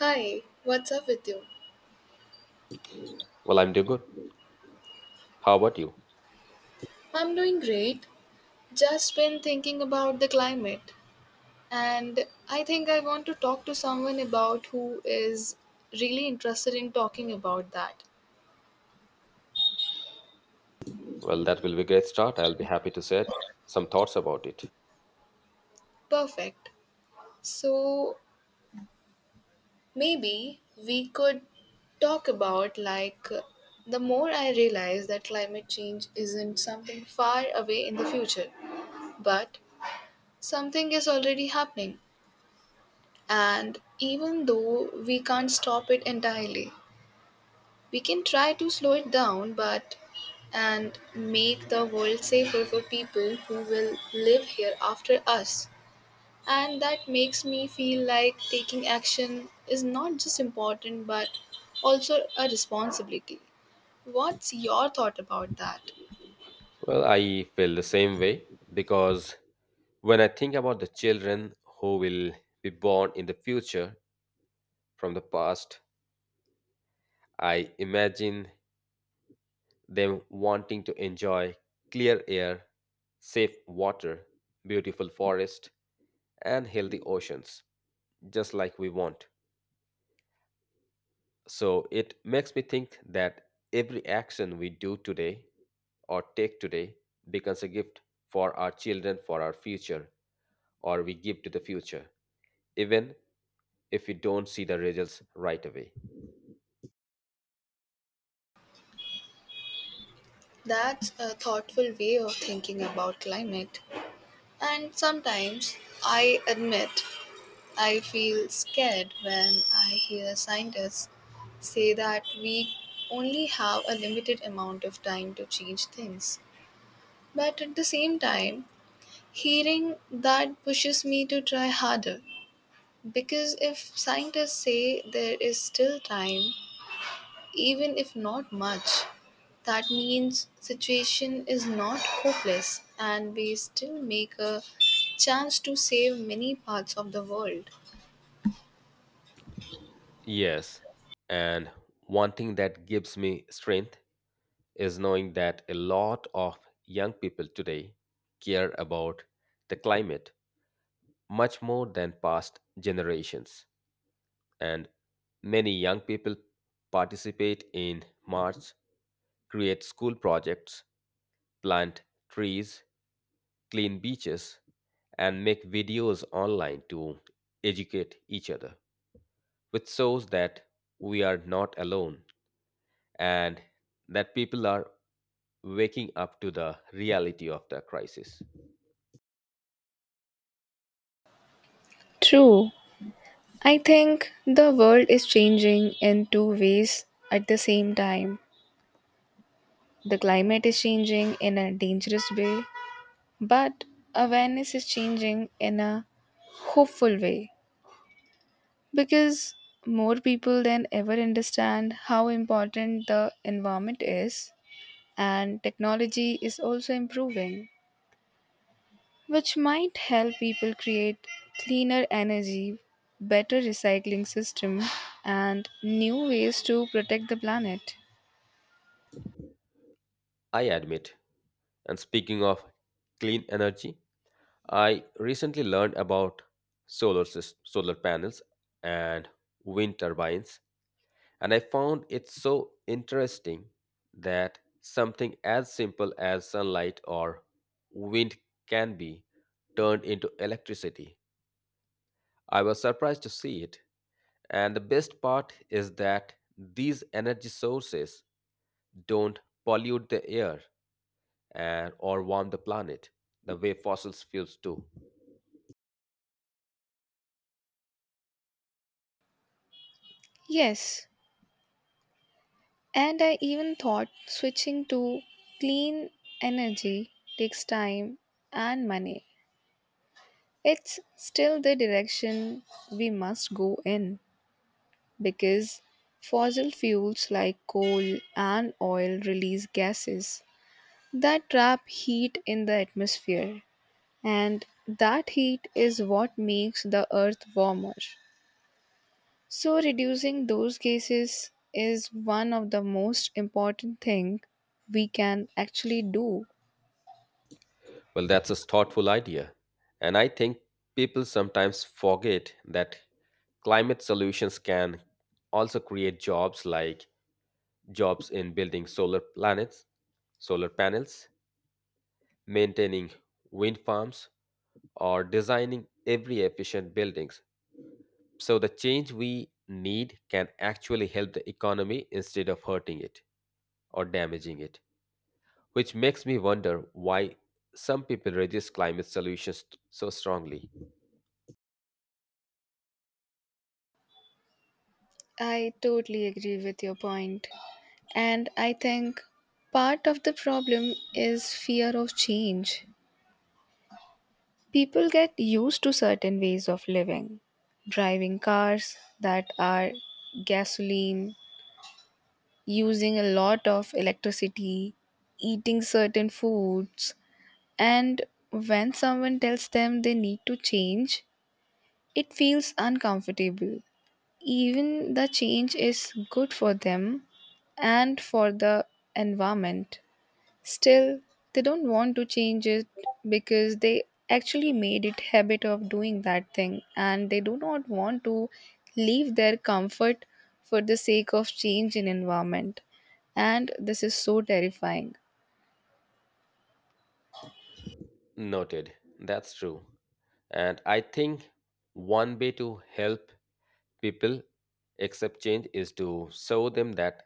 Hi, what's up with you? Well, I'm doing good. How about you? I'm doing great. Just been thinking about the climate, and I think I want to talk to someone about who is really interested in talking about that. Well, that will be a great start. I'll be happy to share some thoughts about it. Perfect. So maybe we could talk about like The more I realize that climate change isn't something far away in the future, but something is already happening. And even though we can't stop it entirely, we can try to slow it down, but and make the world safer for people who will live here after us, and that makes me feel like taking action is not just important but also a responsibility. What's your thought about that? Well, I feel the same way because when I think about the children who will be born in the future from the past, I imagine them wanting to enjoy clear air, safe water, beautiful forest, and healthy oceans, just like we want. So it makes me think that every action we do today or take today becomes a gift for our children, for our future, or we give to the future, even if we don't see the results right away. That's a thoughtful way of thinking about climate. And sometimes i admit I feel scared when I hear scientists say that we only have a limited amount of time to change things. But at the same time, hearing that pushes me to try harder. Because if scientists say there is still time, even if not much, that means situation is not hopeless and we still make a chance to save many parts of the world. Yes, and one thing that gives me strength is knowing that a lot of young people today care about the climate much more than past generations. And many young people participate in march, create school projects, plant trees, clean beaches, and make videos online to educate each other, which shows that we are not alone and that people are waking up to the reality of the crisis. True. I think the world is changing in two ways at the same time. The climate is changing in a dangerous way, but awareness is changing in a hopeful way, because more people than ever understand how important the environment is, and technology is also improving, which might help people create cleaner energy, better recycling system, and new ways to protect the planet. I admit, and speaking of clean energy, I recently learned about solar panels and wind turbines, and I found it so interesting that something as simple as sunlight or wind can be turned into electricity. I was surprised to see it, and the best part is that these energy sources don't pollute the air and or warm the planet the way fossil fuels do. Yes, and I even thought switching to clean energy takes time and money. It's still the direction we must go in, because fossil fuels like coal and oil release gases that trap heat in the atmosphere, and that heat is what makes the earth warmer. So reducing those cases is one of the most important thing we can actually do. Well, that's a thoughtful idea. And I think people sometimes forget that climate solutions can also create jobs like jobs in building solar planets, solar panels, maintaining wind farms, or designing every efficient buildings. So the change we need can actually help the economy instead of hurting it or damaging it, which makes me wonder why some people resist climate solutions so strongly. I totally agree with your point. And I think part of the problem is fear of change. People get used to certain ways of living, driving cars that are gasoline, using a lot of electricity, eating certain foods, and when someone tells them they need to change, it feels uncomfortable. Even the change is good for them and for the environment. Still, they don't want to change it because they actually made it habit of doing that thing and they do not want to leave their comfort for the sake of change in environment, and this is so terrifying. Noted. That's true. And I think one way to help people accept change is to show them that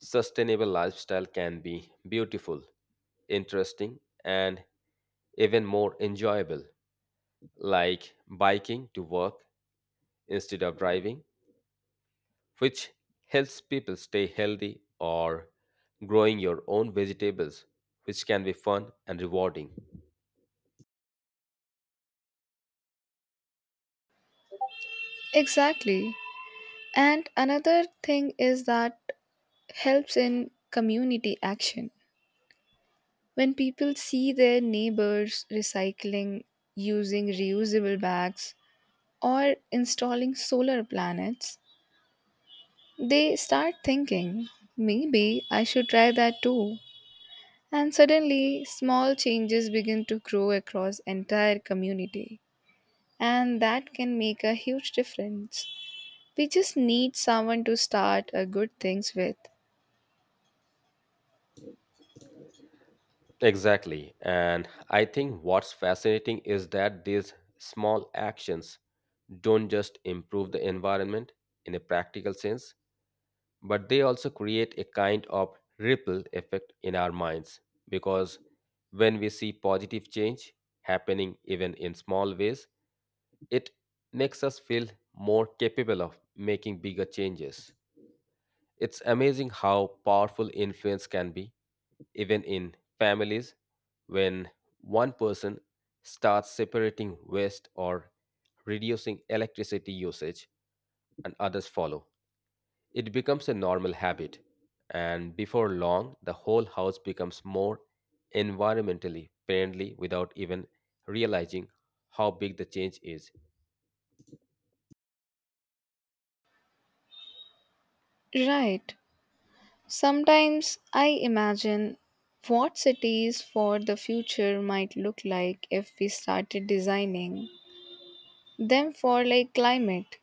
sustainable lifestyle can be beautiful, interesting, and even more enjoyable, like biking to work instead of driving, which helps people stay healthy, or growing your own vegetables, which can be fun and rewarding. Exactly. And another thing is that helps in community action. When people see their neighbors recycling, using reusable bags, or installing solar planets, they start thinking, maybe I should try that too. And suddenly, small changes begin to grow across entire community. And that can make a huge difference. We just need someone to start a good things with. Exactly. And I think what's fascinating is that these small actions don't just improve the environment in a practical sense, but they also create a kind of ripple effect in our minds. Because when we see positive change happening even in small ways, it makes us feel more capable of making bigger changes. It's amazing how powerful influence can be, even in families, when one person starts separating waste or reducing electricity usage and others follow, it becomes a normal habit, and before long the whole house becomes more environmentally friendly without even realizing how big the change is. Right. Sometimes I imagine what cities for the future might look like if we started designing them for like climate.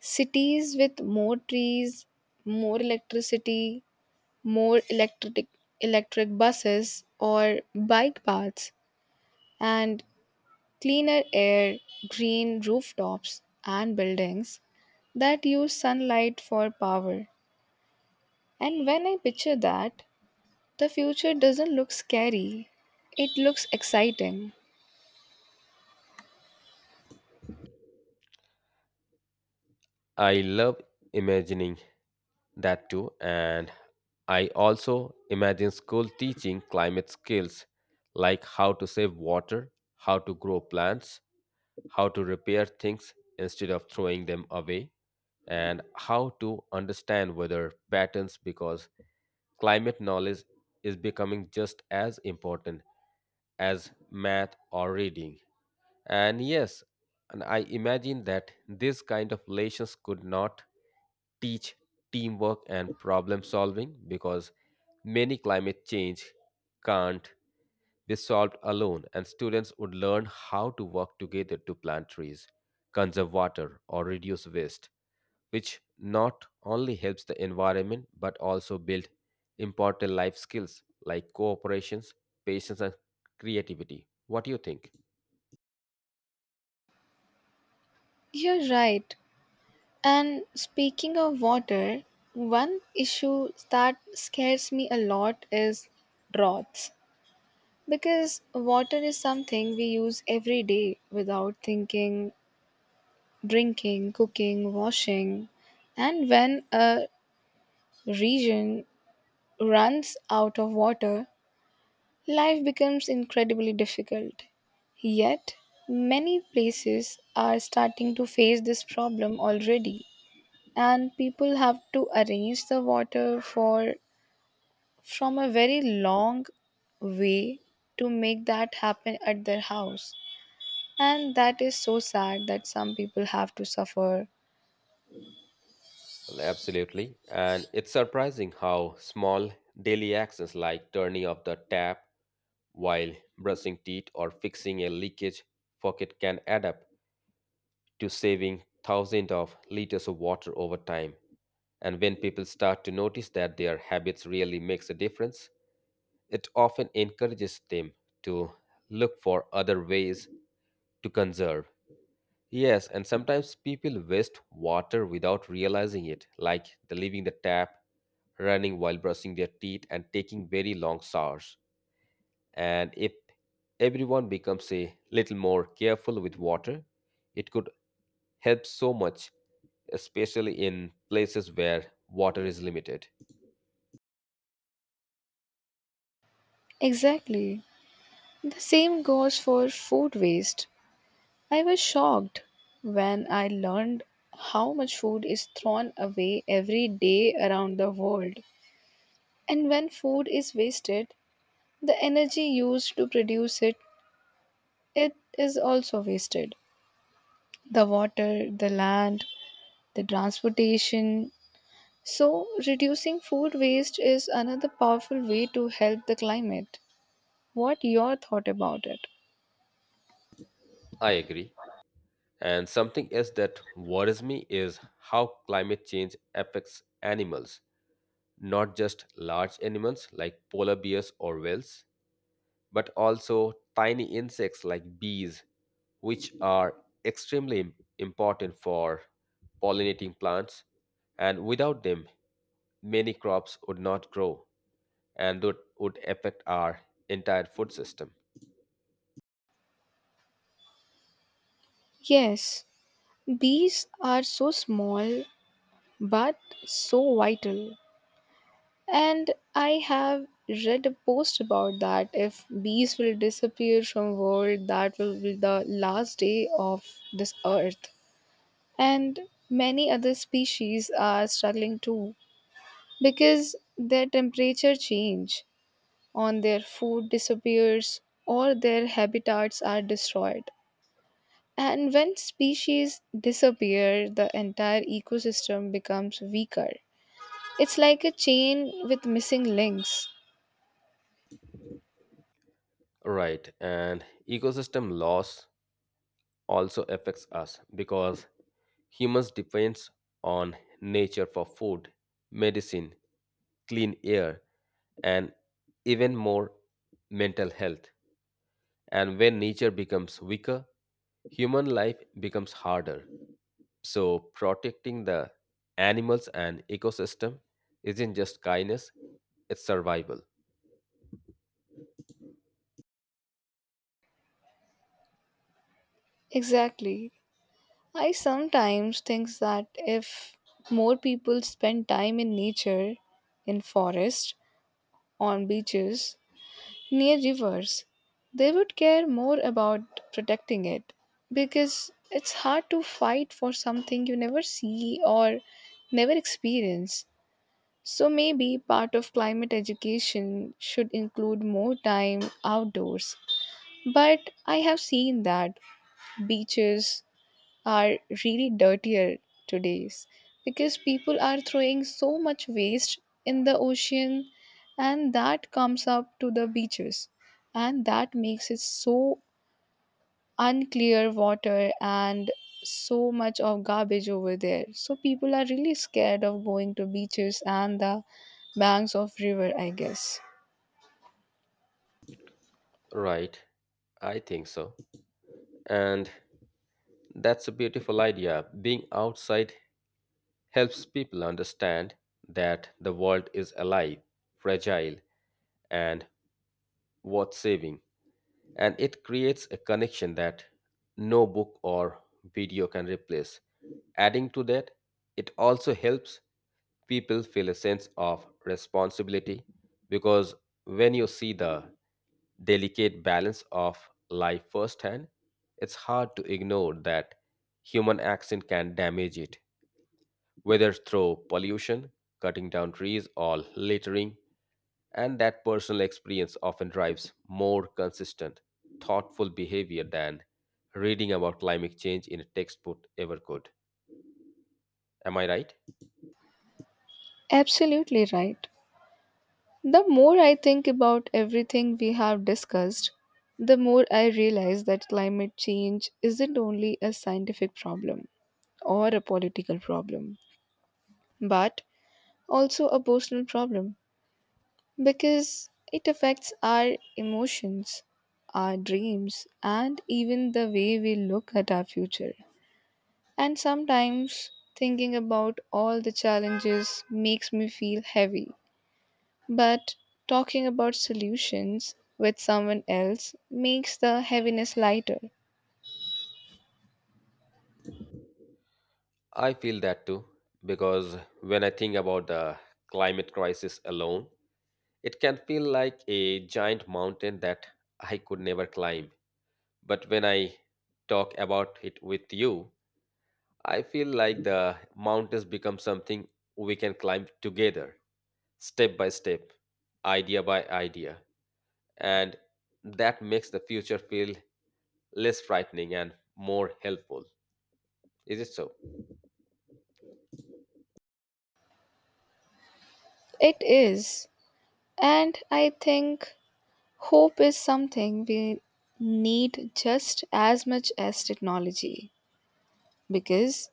Cities with more trees, more electricity, more electric buses or bike paths and cleaner air, green rooftops and buildings that use sunlight for power. And when I picture that, the future doesn't look scary, it looks exciting. I love imagining that too, and I also imagine school teaching climate skills like how to save water, how to grow plants, how to repair things instead of throwing them away, and how to understand weather patterns because climate knowledge is becoming just as important as math or reading. And yes, and I imagine that this kind of lessons could not teach teamwork and problem solving because many climate change can't be solved alone, and students would learn how to work together to plant trees, conserve water, or reduce waste, which not only helps the environment but also build important life skills like cooperations, patience, and creativity. What do you think? You're right. And speaking of water, one issue that scares me a lot is droughts. Because water is something we use every day without thinking, drinking, cooking, washing. And when a region runs out of water, life becomes incredibly difficult. Yet, many places are starting to face this problem already, and people have to arrange the water for from a very long way to make that happen at their house. And that is so sad that some people have to suffer. Well, absolutely. And it's surprising how small daily actions like turning off the tap while brushing teeth or fixing a leakage pocket can add up to saving thousands of liters of water over time. And when people start to notice that their habits really makes a difference, it often encourages them to look for other ways to conserve. Yes, and sometimes people waste water without realizing it, like the leaving the tap running while brushing their teeth and taking very long showers. And if everyone becomes a little more careful with water, it could help so much, especially in places where water is limited. Exactly. The same goes for food waste. I was shocked when I learned how much food is thrown away every day around the world. And when food is wasted, the energy used to produce it, it is also wasted. The water, the land, the transportation. So reducing food waste is another powerful way to help the climate. What your thought about it? I agree. And something else that worries me is how climate change affects animals, not just large animals like polar bears or whales, but also tiny insects like bees, which are extremely important for pollinating plants. And without them, many crops would not grow and would affect our entire food system. Yes, bees are so small but so vital. And I have read a post about that. If bees will disappear from world, that will be the last day of this earth. And many other species are struggling too because their temperature change on their food disappears or their habitats are destroyed. And when species disappear, the entire ecosystem becomes weaker. It's like a chain with missing links. Right. And ecosystem loss also affects us because humans depends on nature for food, medicine, clean air, and even more mental health. And when nature becomes weaker, human life becomes harder. So, protecting the animals and ecosystem isn't just kindness, it's survival. Exactly. I sometimes think that if more people spend time in nature, in forests, on beaches, near rivers, they would care more about protecting it, because it's hard to fight for something you never see or never experience. So maybe part of climate education should include more time outdoors. But I have seen that beaches are really dirtier today's because people are throwing so much waste in the ocean, and that comes up to the beaches, and that makes it so unclear water and so much of garbage over there, so people are really scared of going to beaches and the banks of river, I guess. Right, I think so. And that's a beautiful idea. Being outside helps people understand that the world is alive, fragile, and worth saving. And it creates a connection that no book or video can replace. Adding to that, it also helps people feel a sense of responsibility because when you see the delicate balance of life firsthand, it's hard to ignore that human action can damage it, whether through pollution, cutting down trees, or littering. And that personal experience often drives more consistent, thoughtful behavior than reading about climate change in a textbook ever could. Am I right? Absolutely right. The more I think about everything we have discussed, the more I realize that climate change isn't only a scientific problem or a political problem, but also a personal problem, because it affects our emotions, our dreams, and even the way we look at our future. And sometimes thinking about all the challenges makes me feel heavy, but talking about solutions with someone else makes the heaviness lighter. I feel that too, because when I think about the climate crisis alone, it can feel like a giant mountain that I could never climb. But when I talk about it with you, I feel like the mountains become something we can climb together. Step by step, idea by idea. And that makes the future feel less frightening and more helpful. Is it so? It is. And I think hope is something we need just as much as technology. Because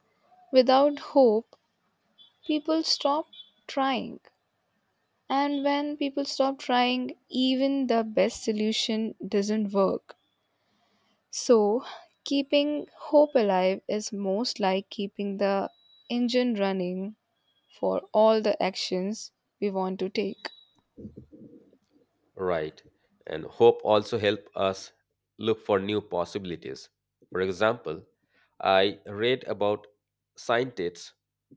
without hope, people stop trying. And when people stop trying, even the best solution doesn't work. So, keeping hope alive is most like keeping the engine running for all the actions we want to take. Right. And hope also help us look for new possibilities. For example, I read about scientists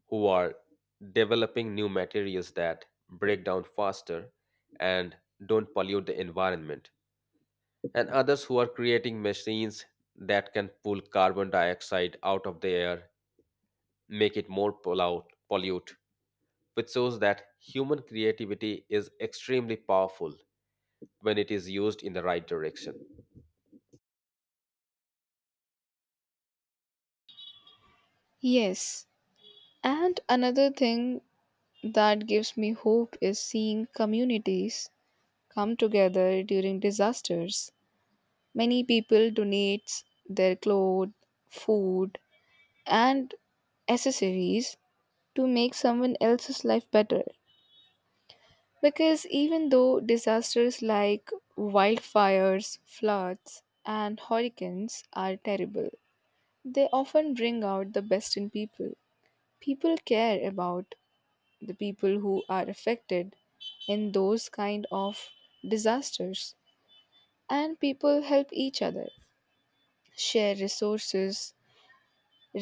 who are developing new materials that break down faster and don't pollute the environment. And others who are creating machines that can pull carbon dioxide out of the air, make it more pollute, which shows that human creativity is extremely powerful when it is used in the right direction. Yes, and another thing that gives me hope is seeing communities come together during disasters. Many people donate their clothes, food, and accessories to make someone else's life better. Because even though disasters like wildfires, floods, and hurricanes are terrible, they often bring out the best in people. People care about the people who are affected in those kind of disasters, and people help each other, share resources,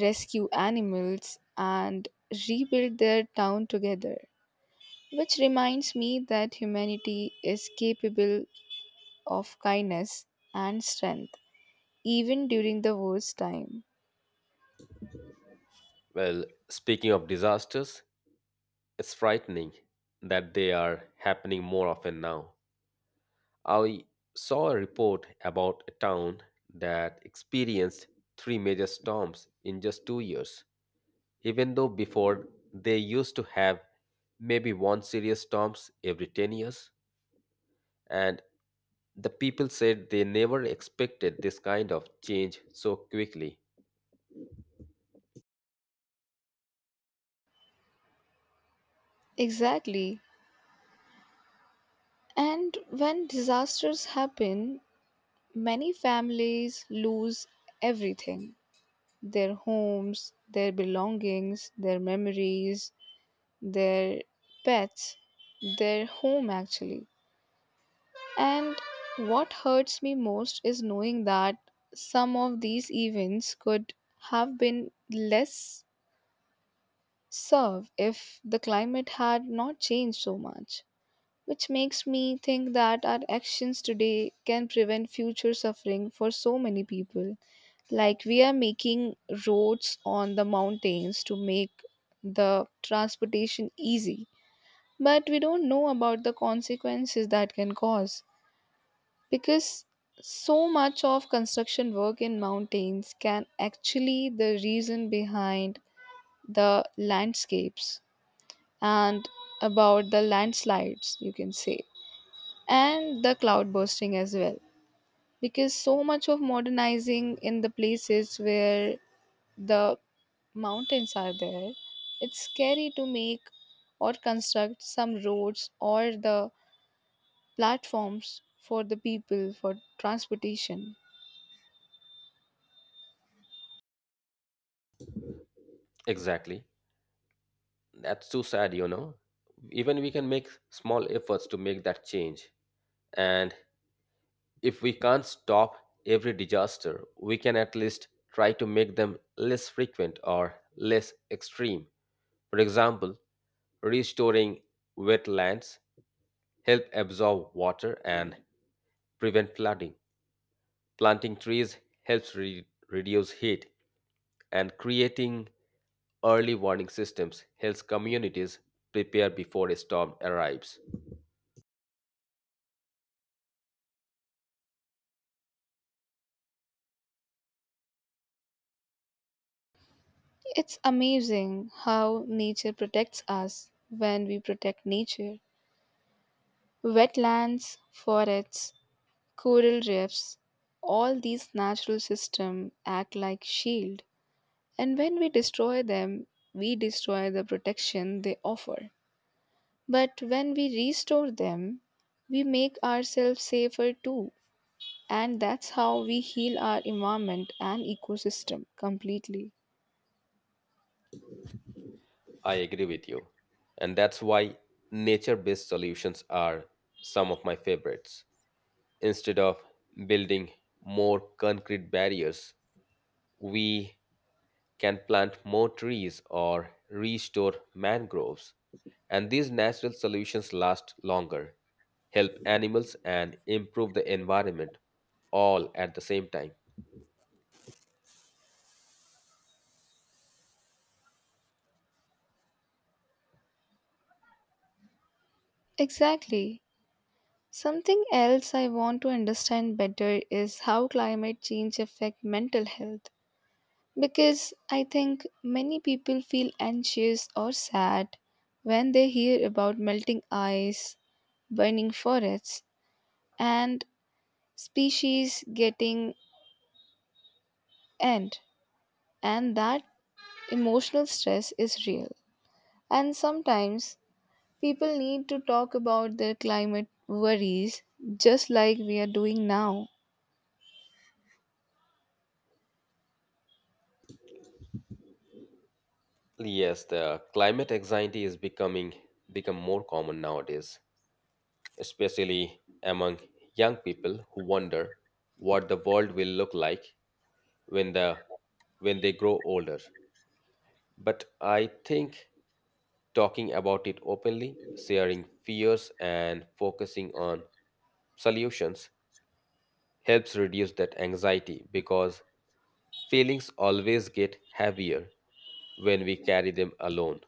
rescue animals, and rebuild their town together, which reminds me that humanity is capable of kindness and strength even during the worst time. Well, speaking of disasters, it's frightening that they are happening more often now. I saw a report about a town that experienced three major storms in just 2 years, even though before they used to have maybe one serious storms every 10 years, and the people said they never expected this kind of change so quickly. Exactly. And when disasters happen, many families lose everything, their homes, their belongings, their memories, their pets, their home actually. And what hurts me most is knowing that some of these events could have been less served if the climate had not changed so much, which makes me think that our actions today can prevent future suffering for so many people. Like we are making roads on the mountains to make the transportation easy, but we don't know about the consequences that can cause, because so much of construction work in mountains can actually the reason behind the landscapes and about the landslides you can say, and the cloud bursting as well, because so much of modernizing in the places where the mountains are there, it's scary to make or construct some roads or the platforms for the people for transportation. Exactly, that's too sad, you know. Even we can make small efforts to make that change, and if we can't stop every disaster, we can at least try to make them less frequent or less extreme. For example, restoring wetlands help absorb water and prevent flooding. Planting trees helps reduce heat, and creating early warning systems helps communities prepare before a storm arrives. It's amazing how nature protects us when we protect nature. Wetlands, forests, coral reefs, all these natural systems act like shield. And when we destroy them, we destroy the protection they offer. But when we restore them, we make ourselves safer too. And that's how we heal our environment and ecosystem completely. I agree with you. And that's why nature based solutions are some of my favorites. Instead of building more concrete barriers, we can plant more trees or restore mangroves. And these natural solutions last longer, help animals, and improve the environment all at the same time. Exactly. Something else I want to understand better is how climate change affect mental health, because I think many people feel anxious or sad when they hear about melting ice, burning forests and species getting end, and that emotional stress is real, and sometimes people need to talk about their climate worries, just like we are doing now. Yes, the climate anxiety is becoming become more common nowadays, especially among young people who wonder what the world will look like when the when they grow older. But I think talking about it openly, sharing fears, and focusing on solutions helps reduce that anxiety because feelings always get heavier when we carry them alone.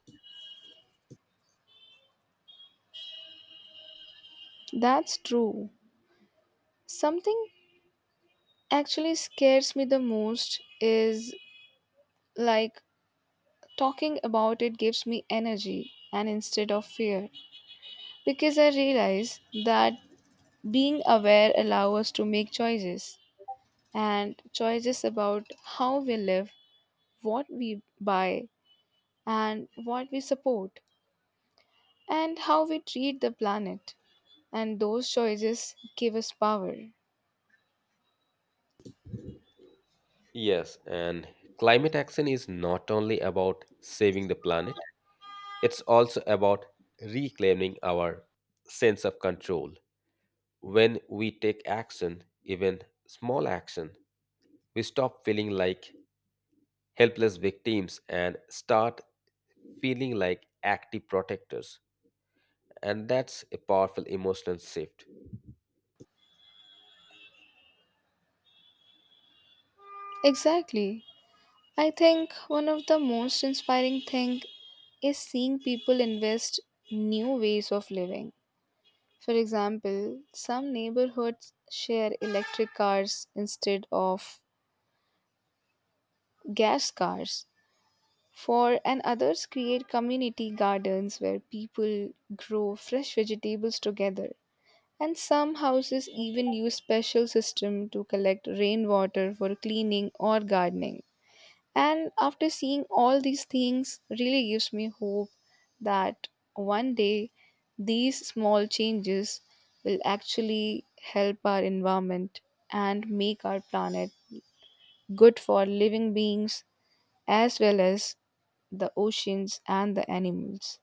That's true. Something actually scares me the most is like talking about it gives me energy and instead of fear, because I realize that being aware allows us to make choices, and choices about how we live, what we buy, and what we support, and how we treat the planet. And those choices give us power. Yes, and climate action is not only about saving the planet, it's also about reclaiming our sense of control. When we take action, even small action, we stop feeling like helpless victims and start feeling like active protectors. And that's a powerful emotional shift, Exactly. I think one of the most inspiring thing is seeing people invest new ways of living. For example, some neighborhoods share electric cars instead of gas cars. For And others create community gardens where people grow fresh vegetables together. And some houses even use special system to collect rainwater for cleaning or gardening. And after seeing all these things really gives me hope that one day these small changes will actually help our environment and make our planet good for living beings, as well as the oceans, and the animals.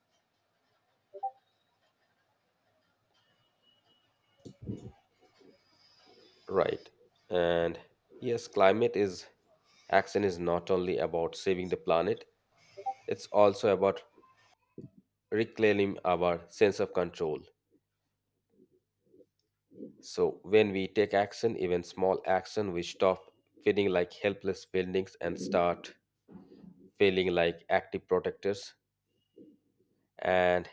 right? And yes, climate is action is not only about saving the planet, it's also about reclaiming our sense of control. So when we take action, even small action, we stop feeling like helpless feelings and start feeling like active protectors. And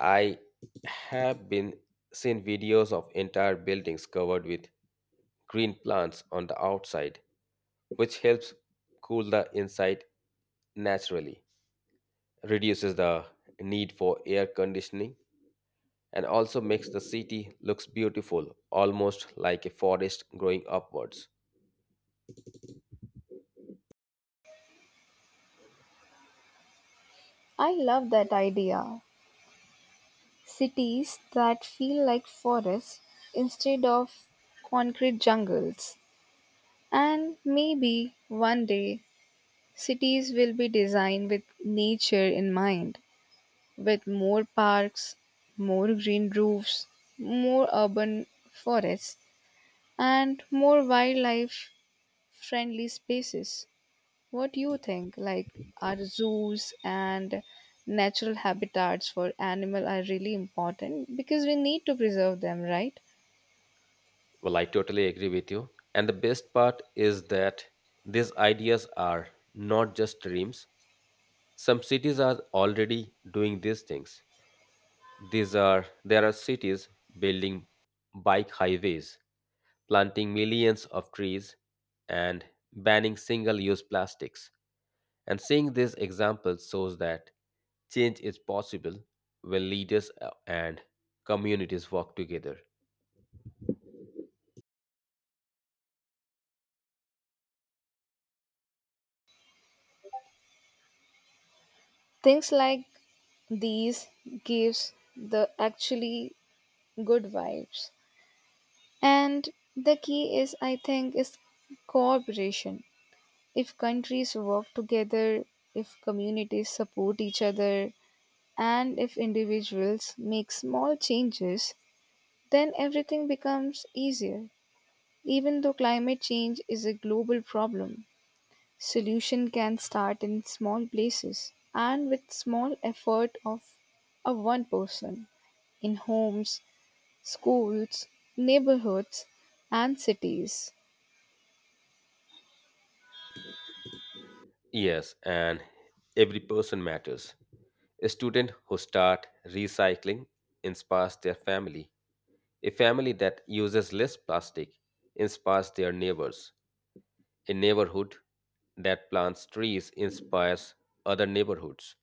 I have been seen videos of entire buildings covered with green plants on the outside, which helps cool the inside naturally, reduces the need for air conditioning, and also makes the city looks beautiful, almost like a forest growing upwards. I love that idea. Cities that feel like forests instead of concrete jungles. And maybe one day cities will be designed with nature in mind, with more parks, more green roofs, more urban forests, and more wildlife friendly spaces. What do you think? Like, are zoos and natural habitats for animal are really important because we need to preserve them, right? Well, I totally agree with you. And the best part is that these ideas are not just dreams. Some cities are already doing these things. These are, there are cities building bike highways, planting millions of trees, and banning single-use plastics. And seeing these examples shows that change is possible when leaders and communities work together. Things like these gives the actually good vibes. And the key is, I think, is cooperation. If countries work together, if communities support each other, and if individuals make small changes, then everything becomes easier. Even though climate change is a global problem, solution can start in small places and with small effort of a one person, in homes, schools, neighborhoods and cities. Yes, and every person matters. A student who start recycling inspires their family. A family that uses less plastic inspires their neighbors. A neighborhood that plants trees inspires other neighborhoods.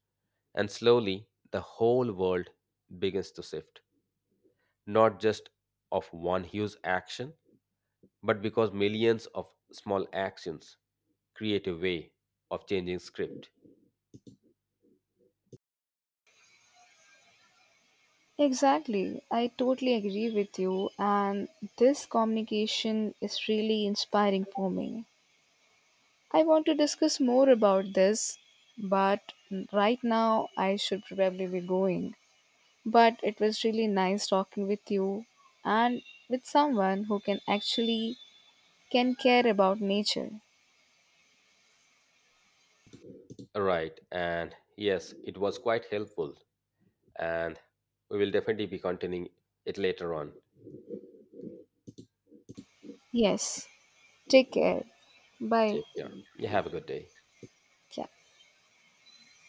And slowly, the whole world begins to shift, not just of one huge action, but because millions of small actions create a way of changing script. Exactly. I totally agree with you, and this communication is really inspiring for me. I want to discuss more about this, but right now I should probably be going. But it was really nice talking with you, and with someone who can actually can care about nature. Right, and yes, it was quite helpful, and we will definitely be continuing it later on. Yes. Take care. Bye. Take care. You have a good day. Yeah.